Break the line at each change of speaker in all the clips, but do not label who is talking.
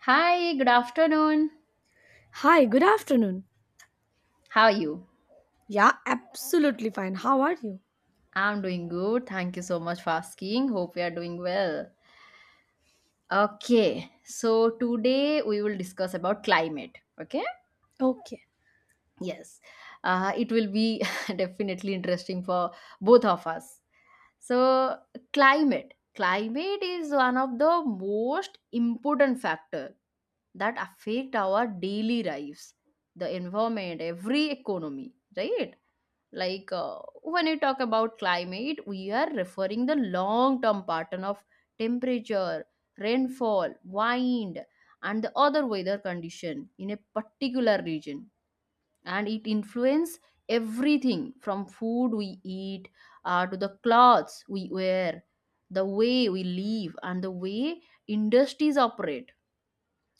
Hi, good afternoon.
Hi, good afternoon.
How are you?
Yeah, absolutely fine. How are you?
I'm doing good. Thank you so much for asking. Hope we are doing well. Okay, so today we will discuss about climate. Okay?
Okay.
Yes. It will be definitely interesting for both of us. So, climate. Climate is one of the most important factor that affect our daily lives, the environment, every economy, right? Like when you talk about climate, we are referring the long term pattern of temperature, rainfall, wind, and the other weather condition in a particular region, and it influence everything from food we eat, to the clothes we wear, the way we live, and the way industries operate.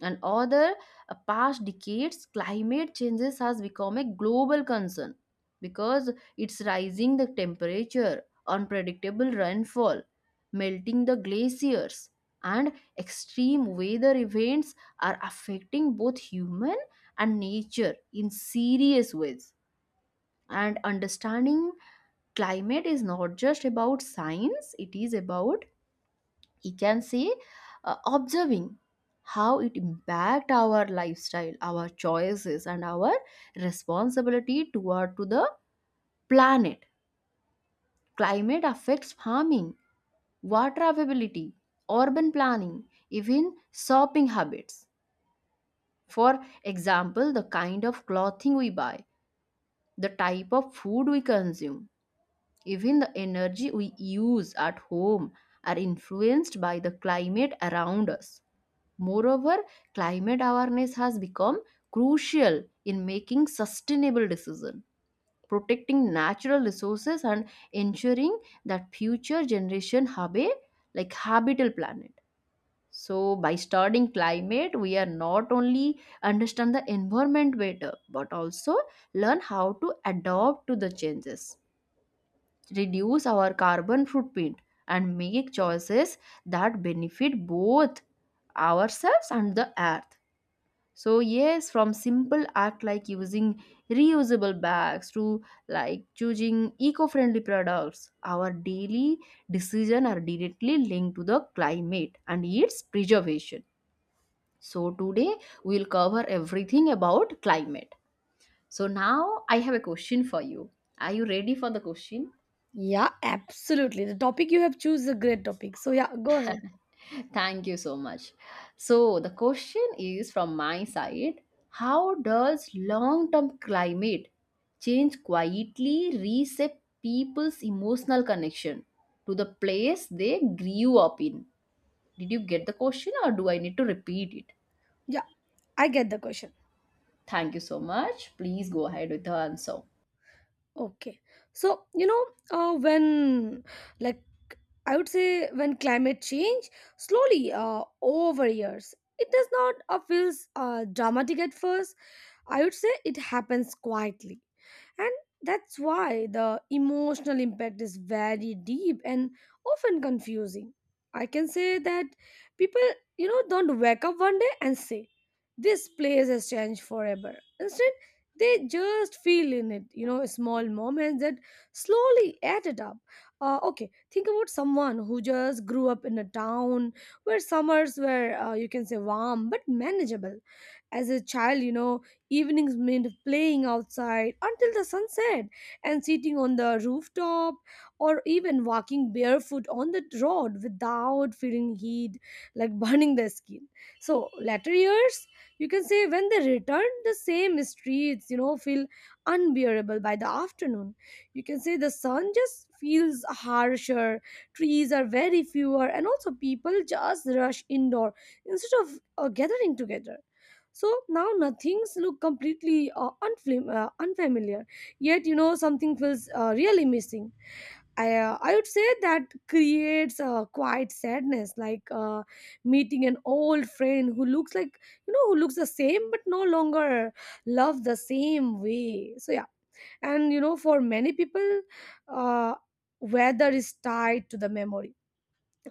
And over the past decades, climate changes has become a global concern because it's rising the temperature, unpredictable rainfall, melting the glaciers, and extreme weather events are affecting both human and nature in serious ways. And understanding climate is not just about science, it is about, you can see, observing how it impact our lifestyle, our choices, and our responsibility toward to the planet. Climate affects farming, water availability, urban planning, even shopping habits. For example, the kind of clothing we buy, the type of food we consume, even the energy we use at home are influenced by the climate around us. Moreover, climate awareness has become crucial in making sustainable decisions, protecting natural resources, and ensuring that future generation have a like habitable planet. So by studying climate, we are not only understand the environment better, but also learn how to adapt to the changes, reduce our carbon footprint, and make choices that benefit both ourselves and the earth. So yes, from simple act like using reusable bags to like choosing eco-friendly products, our daily decision are directly linked to the climate and its preservation. So today we'll cover everything about climate. So now I have a question for you. Are you ready for the question?
Yeah, absolutely. The topic you have choose is a great topic. So yeah, go ahead.
Thank you so much. So, the question is from my side. How does long term climate change quietly reset people's emotional connection to the place they grew up in? Did you get the question or do I need to repeat it?
Yeah, I get the question.
Thank you so much. Please go ahead with the answer.
Okay. So, you know, uh, when, like, I would say when climate change slowly over years, it does not feels dramatic at first. I would say it happens quietly. And that's why the emotional impact is very deep and often confusing. I can say that people, you know, don't wake up one day and say, this place has changed forever. Instead, they just feel in it, you know, small moments that slowly added up. Okay, think about someone who just grew up in a town where summers were you can say warm but manageable. As a child, you know, evenings meant playing outside until the sunset and sitting on the rooftop, or even walking barefoot on the road without feeling heat, like burning the skin. So later years, you can say when they return, the same streets, you know, feel unbearable by the afternoon. You can say the sun just feels harsher, trees are very fewer, and also people just rush indoor instead of gathering together. So now nothing's look completely unfamiliar, yet you know something feels really missing. I would say that creates a quiet sadness, like, meeting an old friend who looks like, you know, who looks the same but no longer love the same way. So, yeah. And, you know, for many people, uh, weather is tied to the memory,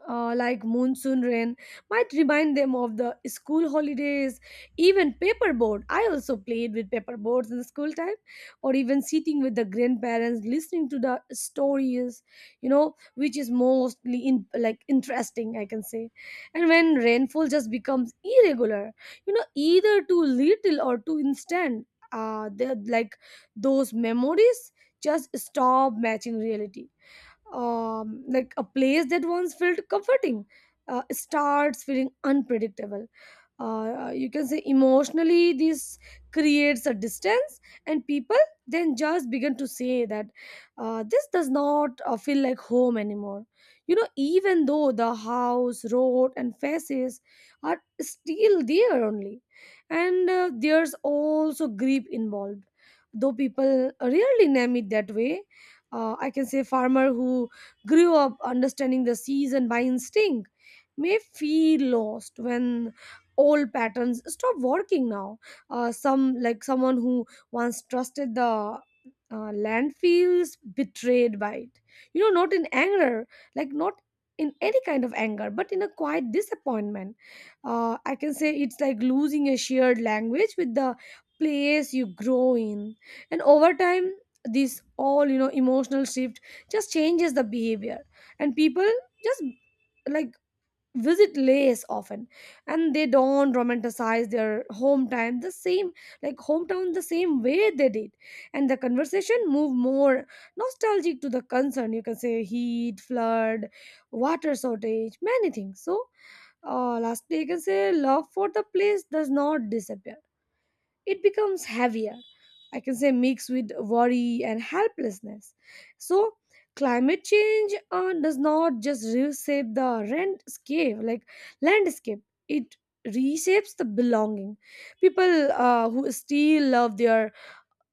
like monsoon rain might remind them of the school holidays, even paperboard. I also played with paperboards in the school time, or even sitting with the grandparents listening to the stories, you know, which is mostly in like interesting, I can say. And when rainfall just becomes irregular, you know, either too little or too instant, they're like those memories just stop matching reality. Like a place that once felt comforting starts feeling unpredictable. You can say emotionally, this creates a distance, and people then just begin to say that this does not feel like home anymore. You know, even though the house, road, and faces are still there only. And there's also grief involved, though people rarely name it that way. I can say farmer who grew up understanding the season by instinct may feel lost when old patterns stop working now. Someone who once trusted the land feels betrayed by it, you know, not in anger, like not in any kind of anger, but in a quiet disappointment. I can say it's like losing a shared language with the place you grow in. And over time, this all, you know, emotional shift just changes the behavior, and people just like visit Laos often, and they don't romanticize their hometown the same way they did. And the conversation move more nostalgic to the concern, you can say heat, flood, water shortage, many things. So lastly, you can say love for the place does not disappear, it becomes heavier. I can say mixed with worry and helplessness. So climate change does not just reshape the landscape, like landscape. It reshapes the belonging. People who still love their,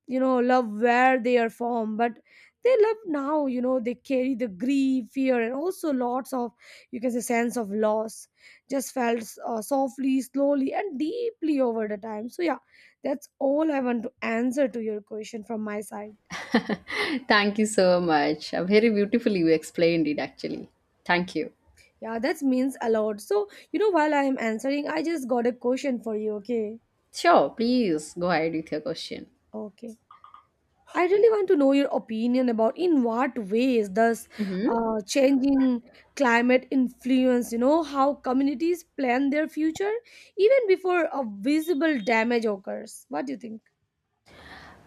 you know, love where they are from, but they love now, you know, they carry the grief, fear, and also lots of, you can say, sense of loss, just felt softly, slowly, and deeply over the time. So yeah, that's all I want to answer to your question from my side.
Thank you so much. Very beautifully you explained it actually. Thank you.
Yeah, that means a lot. So you know, while I am answering, I just got a question for you. Okay.
Sure, please go ahead with your question.
Okay, I really want to know your opinion about in what ways does
Mhm.
changing climate influence, you know, how communities plan their future even before a visible damage occurs. What do you think?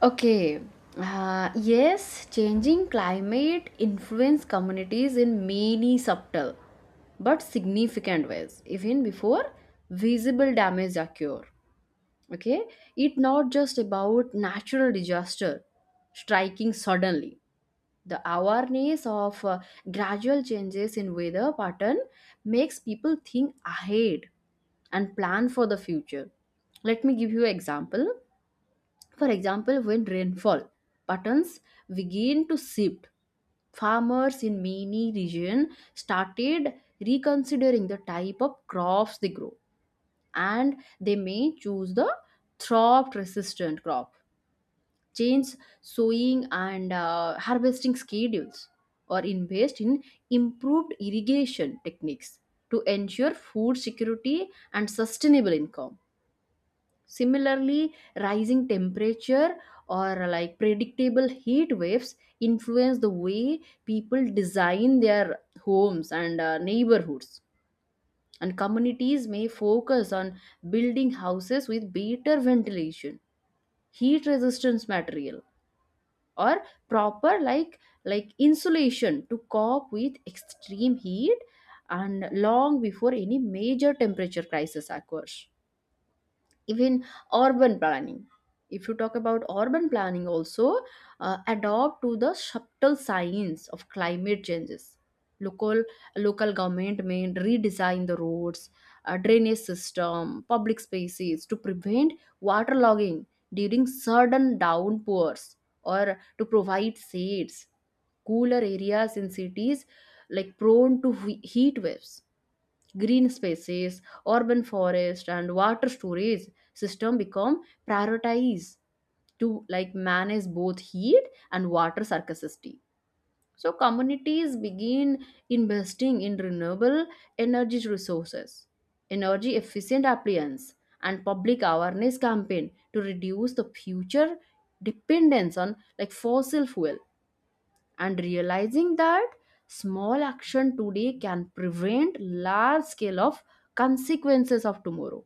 Okay. Yes, changing climate influence communities in many subtle but significant ways, even before visible damage occur. Okay, it not just about natural disaster striking suddenly. The awareness of gradual changes in weather pattern makes people think ahead and plan for the future. Let me give you example. For example, when rainfall patterns begin to shift, farmers in many regions started reconsidering the type of crops they grow, and they may choose the drought resistant crop, change sowing and harvesting schedules, or invest in improved irrigation techniques to ensure food security and sustainable income. Similarly, rising temperature or like predictable heat waves influence the way people design their homes and neighborhoods. And communities may focus on building houses with better ventilation, heat resistance material, or proper like insulation to cope with extreme heat, and long before any major temperature crisis occurs. Even urban planning, if you talk about urban planning also, adopt to the subtle science of climate changes. Local local government may redesign the roads, drainage system, public spaces to prevent waterlogging during sudden downpours, or to provide shades, cooler areas in cities like prone to heat waves. Green spaces, urban forest, and water storage system become prioritized to like manage both heat and water scarcity. So communities begin investing in renewable energy resources, energy efficient appliance, and public awareness campaign to reduce the future dependence on like fossil fuel, and realizing that small action today can prevent large scale of consequences of tomorrow.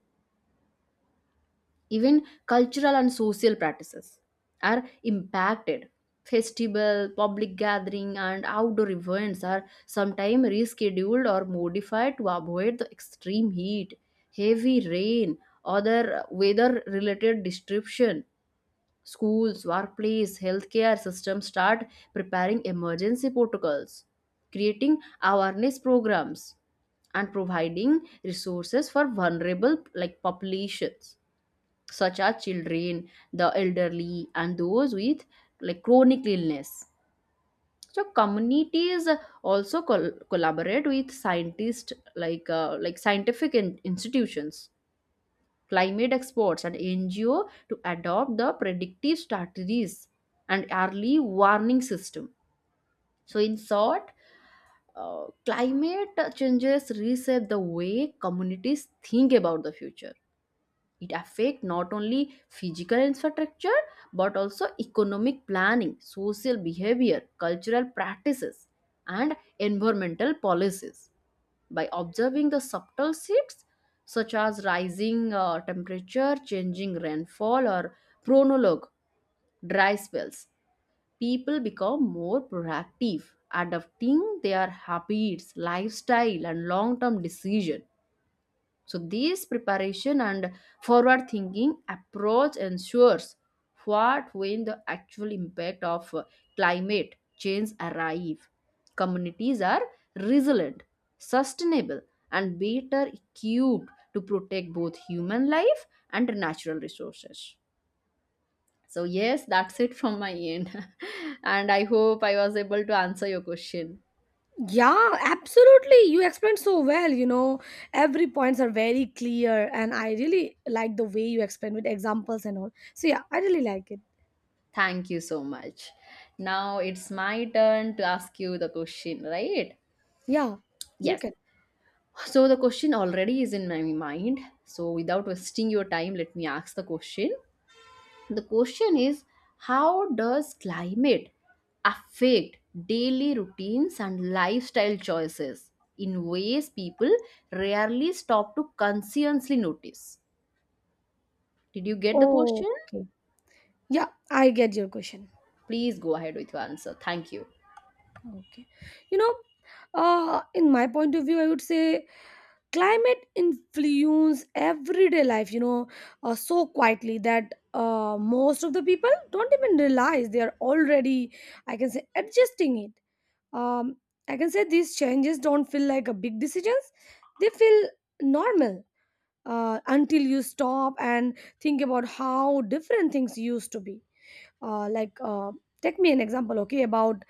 Even cultural and social practices are impacted. Festival, public gathering, and outdoor events are sometimes rescheduled or modified to avoid the extreme heat, heavy rain, other weather related disruption. Schools, workplace, healthcare systems start preparing emergency protocols, creating awareness programs, and providing resources for vulnerable like populations, such as children, the elderly, and those with like chronic illness. So communities also collaborate with scientists, like scientific institutions, climate experts, and NGO to adopt the predictive strategies and early warning system. So, in short, climate changes reshape the way communities think about the future. It affects not only physical infrastructure but also economic planning, social behavior, cultural practices, and environmental policies. By observing the subtle shifts, such as rising temperature, changing rainfall, or chronologue, dry spells, people become more proactive, adapting their habits, lifestyle, and long term decision. So, this preparation and forward thinking approach ensures what when the actual impact of climate change arrive, communities are resilient, sustainable, and better equipped to protect both human life and natural resources. So, yes, that's it from my end. And I hope I was able to answer your question.
Yeah, absolutely. You explained so well, you know, every points are very clear and I really like the way you explain with examples and all. So yeah, I really like it.
Thank you so much. Now it's my turn to ask you the question, right?
Yeah, you
Yes.
can.
So the question already is in my mind. So without wasting your time, let me ask the question. The question is, how does climate affect daily routines and lifestyle choices in ways people rarely stop to consciously notice? Did you get the question?
Okay. Yeah, I get your question.
Please go ahead with your answer. Thank you.
Okay. You know, in my point of view, I would say climate influence everyday life, you know, so quietly that most of the people don't even realize they are already, I can say, adjusting it. Um, I can say these changes don't feel like a big decisions. They feel normal until you stop and think about how different things used to be. Uh, like, uh, take me an example, okay, about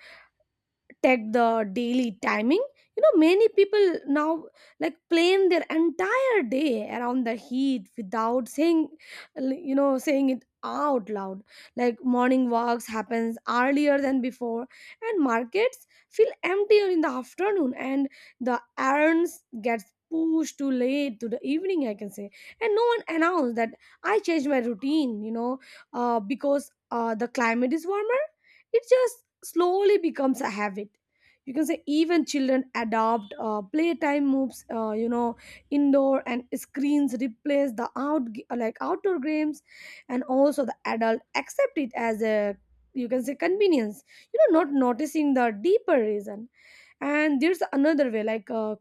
take the daily timing. You know, many people now like plan their entire day around the heat without saying, you know, saying it out loud, like morning walks happens earlier than before, and markets feel emptier in the afternoon, and the errands gets pushed too late to the evening, I can say. And no one announced that I changed my routine, you know, because the climate is warmer. It just slowly becomes a habit, you can say. Even children adopt, playtime moves, you know, indoor, and screens replace the outdoor games. And also the adult accept it as a, you can say, convenience, you know, not noticing the deeper reason. And there's another way, like,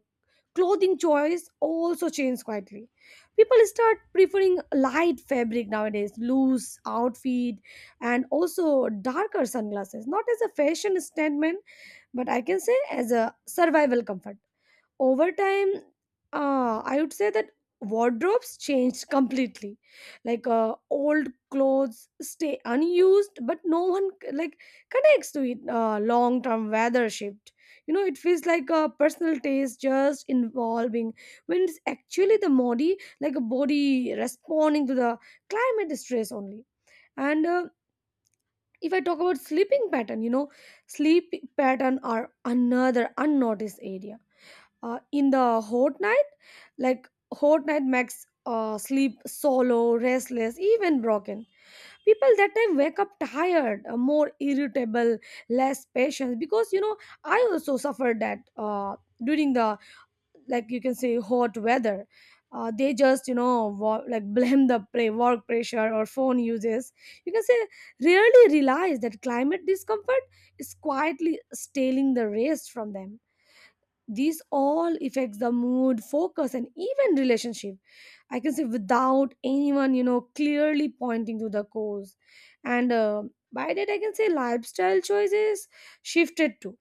clothing choice also changes quietly. People start preferring light fabric nowadays, loose outfit, and also darker sunglasses, not as a fashion statement, but I can say as a survival comfort. Over time, I would say that wardrobes changed completely, like old clothes stay unused, but no one like connects to it long term weather shift. You know, it feels like a personal taste just involving, when it's actually the body, like a body responding to the climate stress only. And if I talk about sleeping pattern, you know, sleep pattern are another unnoticed area, in the hot night like hot night. Makes sleep solo restless, even broken. People that time wake up tired, more irritable, less patient, because, you know, I also suffered that during the, like, you can say, hot weather, they just, you know, blame the work pressure or phone uses, you can say, rarely realize that climate discomfort is quietly stealing the rest from them. These all affects the mood, focus, and even relationship, I can say, without anyone, you know, clearly pointing to the cause. And by that, I can say lifestyle choices shifted too.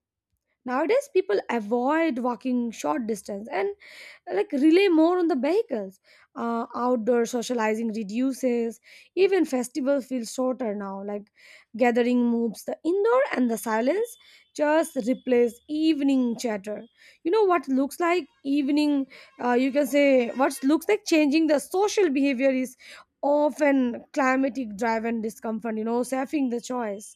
Nowadays people avoid walking short distance and like rely more on the vehicles. Outdoor socializing reduces. Even festivals feel shorter now. Like gathering moves the indoor, and the silence just replace evening chatter. You know what looks like evening. You can say what looks like changing the social behavior is often climatic driven discomfort. You know, saving the choice.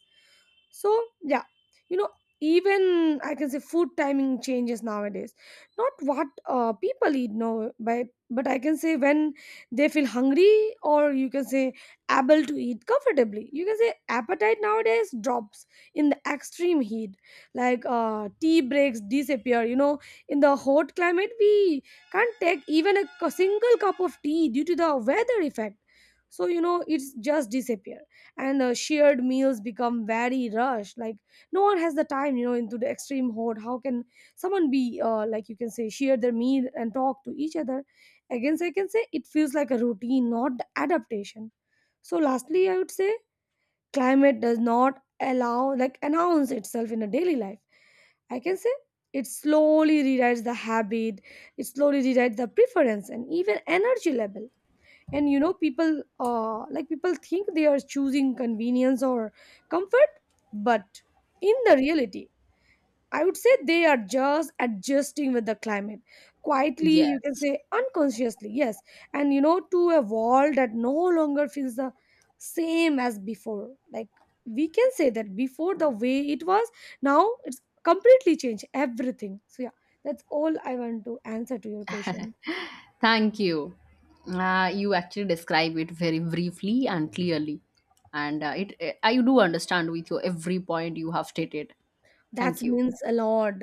So yeah, you know, even I can say food timing changes nowadays. Not what people eat now, but I can say when they feel hungry, or you can say able to eat comfortably. You can say appetite nowadays drops in the extreme heat. Like tea breaks disappear. You know, in the hot climate we can't take even a single cup of tea due to the weather effect. So you know it's just disappear. And shared meals become very rushed, like no one has the time, you know, into the extreme hoard. How can someone be like, you can say, share their meal and talk to each other again. So I can say it feels like a routine, not the adaptation. So lastly I would say climate does not allow like announce itself in a daily life, I can say. It slowly rewrites the habit, it slowly rewrites the preference and even energy level. And you know people, people think they are choosing convenience or comfort, but in the reality I would say they are just adjusting with the climate quietly, you can
Yes.
say, unconsciously, yes. And you know, to a world that no longer feels the same as before, like we can say that before the way it was, now it's completely changed everything. So yeah, that's all I want to answer to your question.
Thank you. You actually describe it very briefly and clearly, and I do understand with your every point you have stated.
That
Thank you.
means a lot,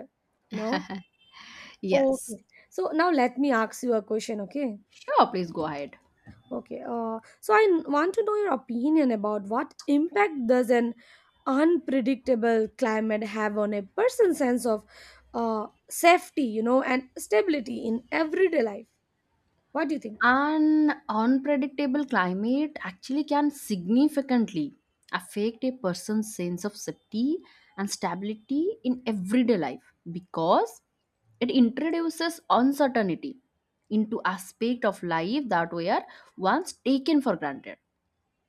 you know.
Yes,
Okay. So now let me ask you a question, okay?
sure. Please go ahead.
Okay. So I want to know your opinion about what impact does an unpredictable climate have on a person's sense of safety, you know, and stability in everyday life. What do you think?
An unpredictable climate actually can significantly affect a person's sense of safety and stability in everyday life, because it introduces uncertainty into aspect of life that were once taken for granted.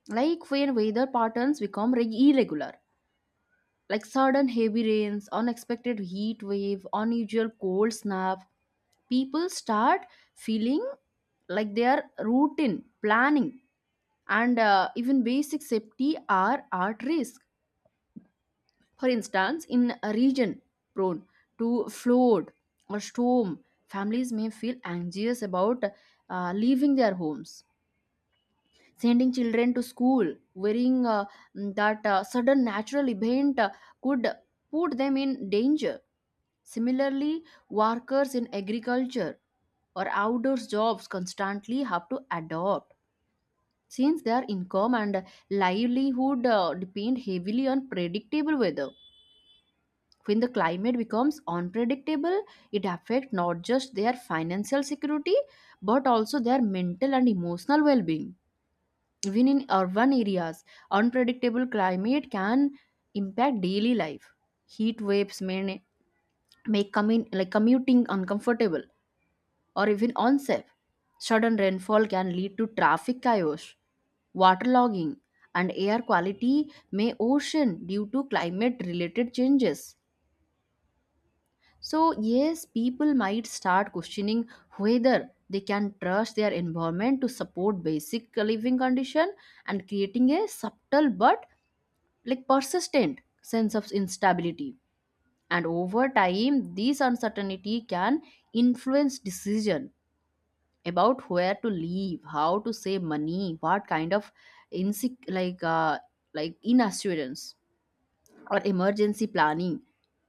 Like when weather patterns become irregular, like sudden heavy rains, unexpected heat wave, unusual cold snap, people start feeling like their routine, planning, and even basic safety are at risk. For instance, in a region prone to flood or storm, families may feel anxious about leaving their homes, sending children to school, wearing, that sudden natural event could put them in danger. Similarly, workers in agriculture or outdoors jobs constantly have to adopt, since their income and livelihood depend heavily on predictable weather. When the climate becomes unpredictable, it affects not just their financial security but also their mental and emotional well-being. Even in urban areas, unpredictable climate can impact daily life. Heat waves may make coming like commuting uncomfortable or even unsafe. Sudden rainfall can lead to traffic chaos, waterlogging, and air quality may ocean due to climate-related changes. So yes, people might start questioning whether they can trust their environment to support basic living condition, and creating a subtle but like persistent sense of instability. And over time, this uncertainty can influence decision about where to live, how to save money, what kind of insec- like uh, inassurance or emergency planning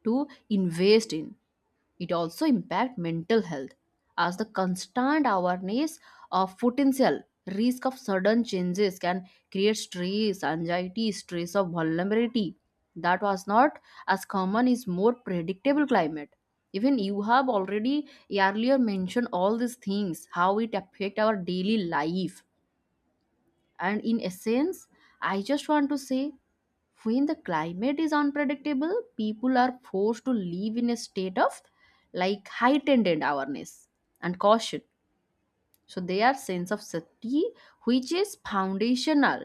to invest in. It also impacts mental health, as the constant awareness of potential risk of sudden changes can create stress, anxiety, stress of vulnerability that was not as common is more predictable climate. Even you have already earlier mentioned all these things, how it affect our daily life. And in essence, I just want to say, when the climate is unpredictable, people are forced to live in a state of like heightened awareness and caution. So their sense of safety, which is foundational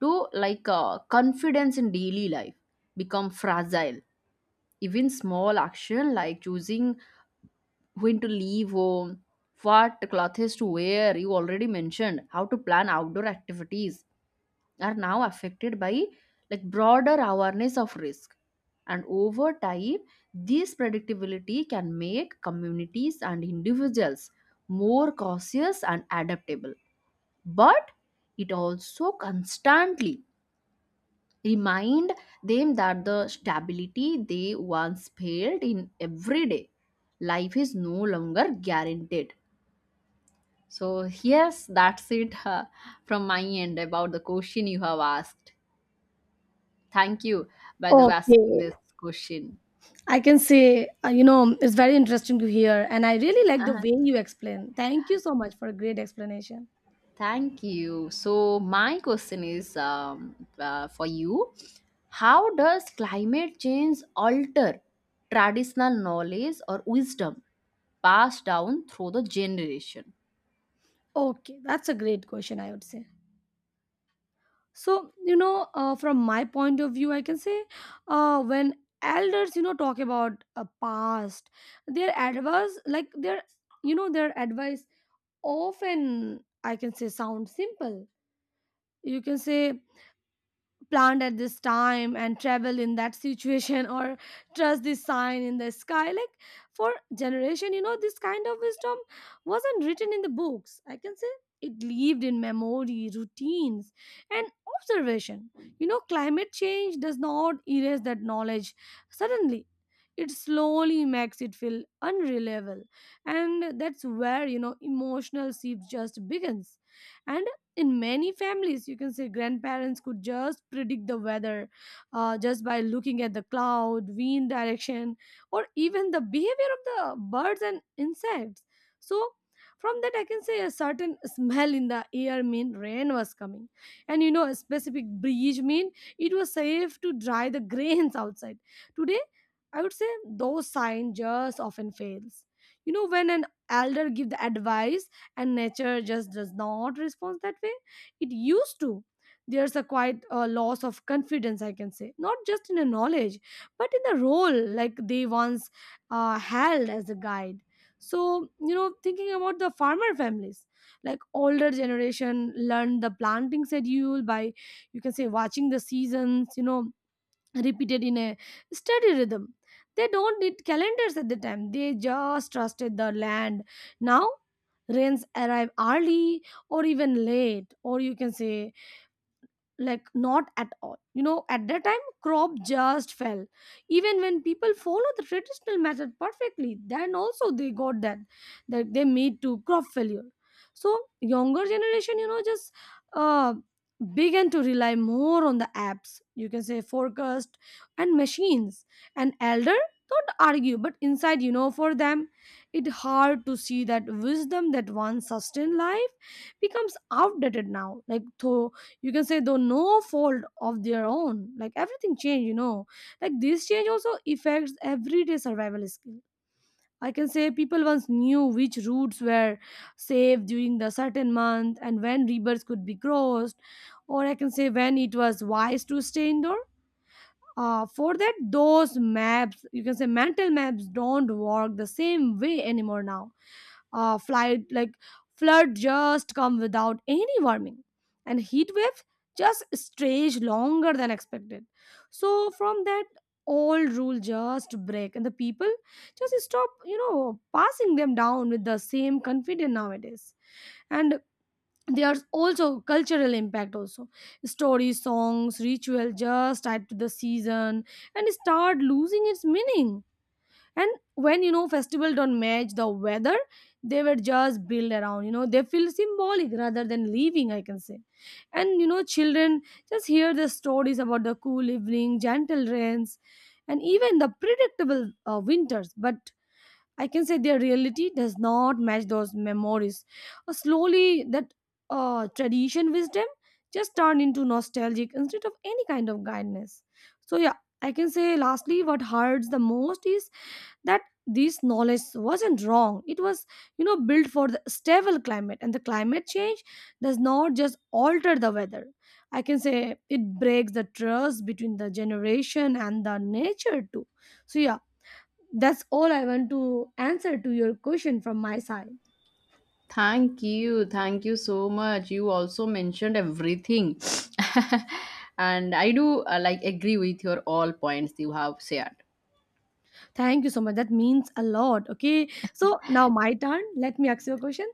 to like confidence in daily life, become fragile. Even small action like choosing when to leave home, what clothes to wear, you already mentioned, how to plan outdoor activities are now affected by like broader awareness of risk. And over time, this predictability can make communities and individuals more cautious and adaptable, but it also constantly remind them that the stability they once felt in everyday life is no longer guaranteed. So yes, that's it. From my end about the question you have asked. Thank you, by the way, asking
Okay.
this question.
I can say, you know, it's very interesting to hear, and I really like the
Uh-huh.
way you explain. Thank you so much for a great explanation.
Thank you. So, my question is for you. How does climate change alter traditional knowledge or wisdom passed down through the generation?
Okay, that's a great question, I would say. So, you know, from my point of view, I can say when elders, you know, talk about past, their advice, like their, you know, their advice often, I can say, sound simple. You can say planned at this time and travel in that situation, or trust this sign in the sky, like for generation, you know, this kind of wisdom wasn't written in the books, I can say. It lived in memory, routines, and observation. You know, climate change does not erase that knowledge suddenly. It slowly makes it feel unreliable, and that's where, you know, emotional shift just begins. And in many families, you can say grandparents could just predict the weather, just by looking at the cloud, wind direction, or even the behavior of the birds and insects. So from that, I can say a certain smell in the air mean rain was coming, and you know, a specific breeze mean it was safe to dry the grains outside. Today, I would say those signs just often fails. You know, when an elder give the advice and nature just does not respond that way it used to, there's a quite loss of confidence, I can say, not just in a knowledge, but in the role like they once held as a guide. So, you know, thinking about the farmer families, like older generation learned the planting schedule by, you can say, watching the seasons, you know, repeated in a steady rhythm. They don't need calendars at the time, they just trusted the land. Now, rains arrive early or even late, or you can say like not at all. You know, at that time crop just fell, even when people follow the traditional method perfectly, then also they got that, that they made to crop failure. So younger generation, you know, just uh began to rely more on the apps, you can say, forecast and machines. And elder don't argue, but inside, you know, for them it hard to see that wisdom that once sustained life becomes outdated now, like though, you can say, though no fault of their own, like everything changed, you know. Like this change also affects everyday survival skill, I can say. People once knew which routes were safe during the certain month and when rivers could be crossed, or I can say when it was wise to stay indoor. For that, those maps, you can say mental maps, don't work the same way anymore now. Flood like flood just come without any warning, and heat waves just stretch longer than expected. So from that, old rule just break, and the people just stop, you know, passing them down with the same confidence nowadays. And there's also cultural impact also. Stories, songs, ritual just tied to the season and start losing its meaning. And when, you know, festival don't match the weather they were just built around, you know, they feel symbolic rather than leaving, I can say. And you know, children just hear the stories about the cool evening, gentle rains, and even the predictable winters, but I can say their reality does not match those memories. Slowly that tradition wisdom just turned into nostalgic instead of any kind of guidance. So yeah, I can say lastly what hurts the most is that this knowledge wasn't wrong. It was, you know, built for the stable climate, and the climate change does not just alter the weather. I can say it breaks the trust between the generation and the nature too. So yeah, that's all I want to answer to your question from my side.
Thank you. Thank you so much. You also mentioned everything. And I do like agree with your all points you have shared.
Thank you so much, that means a lot. Okay, so now my turn, let me ask you a question.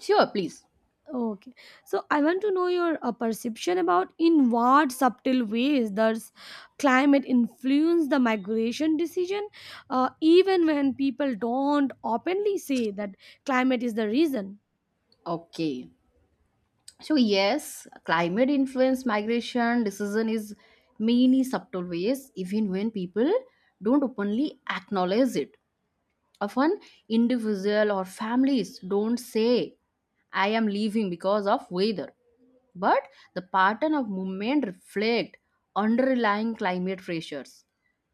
Sure, please.
Okay. So I want to know your perception about in what subtle ways does climate influence the migration decision, even when people don't openly say that climate is the reason.
Okay. So yes, climate influence migration decision is many subtle ways, even when people don't openly acknowledge it. Often individual or families don't say, I am leaving because of weather. But the pattern of movement reflect underlying climate pressures.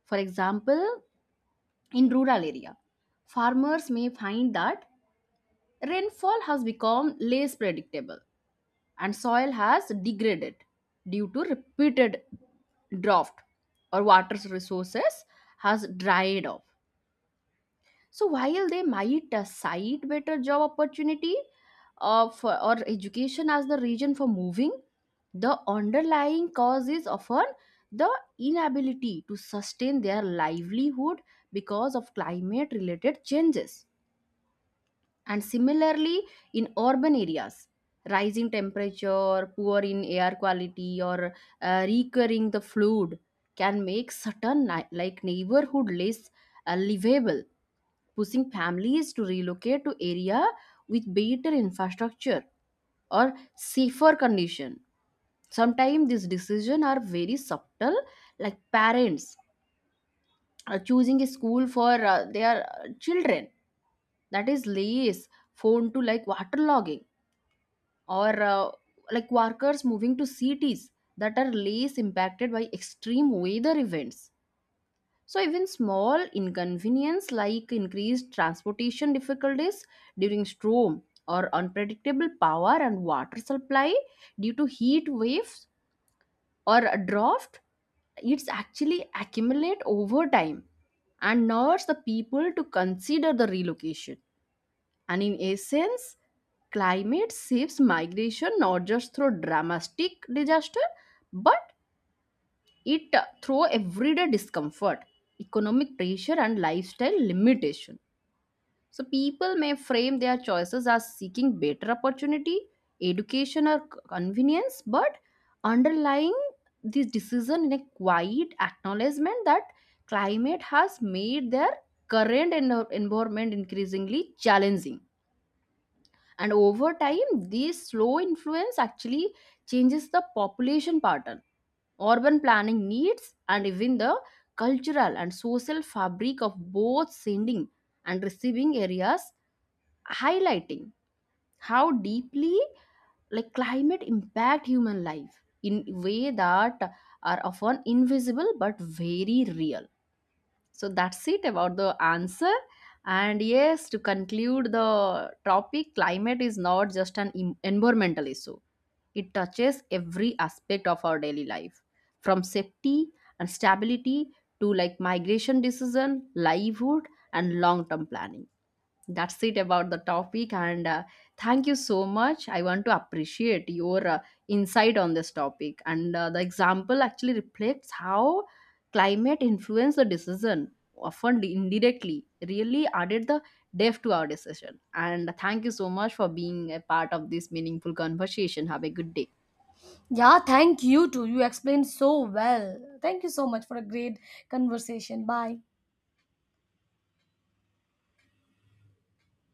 For example, in rural area, farmers may find that rainfall has become less predictable and soil has degraded due to repeated drought, or water resources has dried up. So while they might cite better job opportunity or education as the reason for moving, the underlying cause is often the inability to sustain their livelihood because of climate related changes. And similarly, in urban areas, rising temperature, poor in air quality, or recurring the flood can make certain neighborhood less livable, pushing families to relocate to area with better infrastructure or safer condition. Sometimes these decisions are very subtle, like parents are choosing a school for their children that is less prone to like waterlogging, or like workers moving to cities that are less impacted by extreme weather events. So, even small inconvenience like increased transportation difficulties during storm, or unpredictable power and water supply due to heat waves or a drought, it's actually accumulate over time and nudge the people to consider the relocation. And in essence, climate shifts migration not just through dramatic disaster, but it through everyday discomfort, economic pressure, and lifestyle limitation. So people may frame their choices as seeking better opportunity, education, or convenience, but underlying this decision in a quiet acknowledgement that climate has made their current environment increasingly challenging. And over time, this slow influence actually changes the population pattern, urban planning needs, and even the cultural and social fabric of both sending and receiving areas, highlighting how deeply like climate impact human life in way that are often invisible but very real. So that's it about the answer. And yes, to conclude the topic, climate is not just an environmental issue. It touches every aspect of our daily life, from safety and stability to like migration decision, livelihood, and long-term planning. That's it about the topic. And thank you so much. I want to appreciate your insight on this topic, and the example actually reflects how climate influence the decision often indirectly, really added the depth to our decision. And thank you so much for being a part of this meaningful conversation. Have a good day.
Yeah, thank you too. You explained so well. Thank you so much for a great conversation. Bye.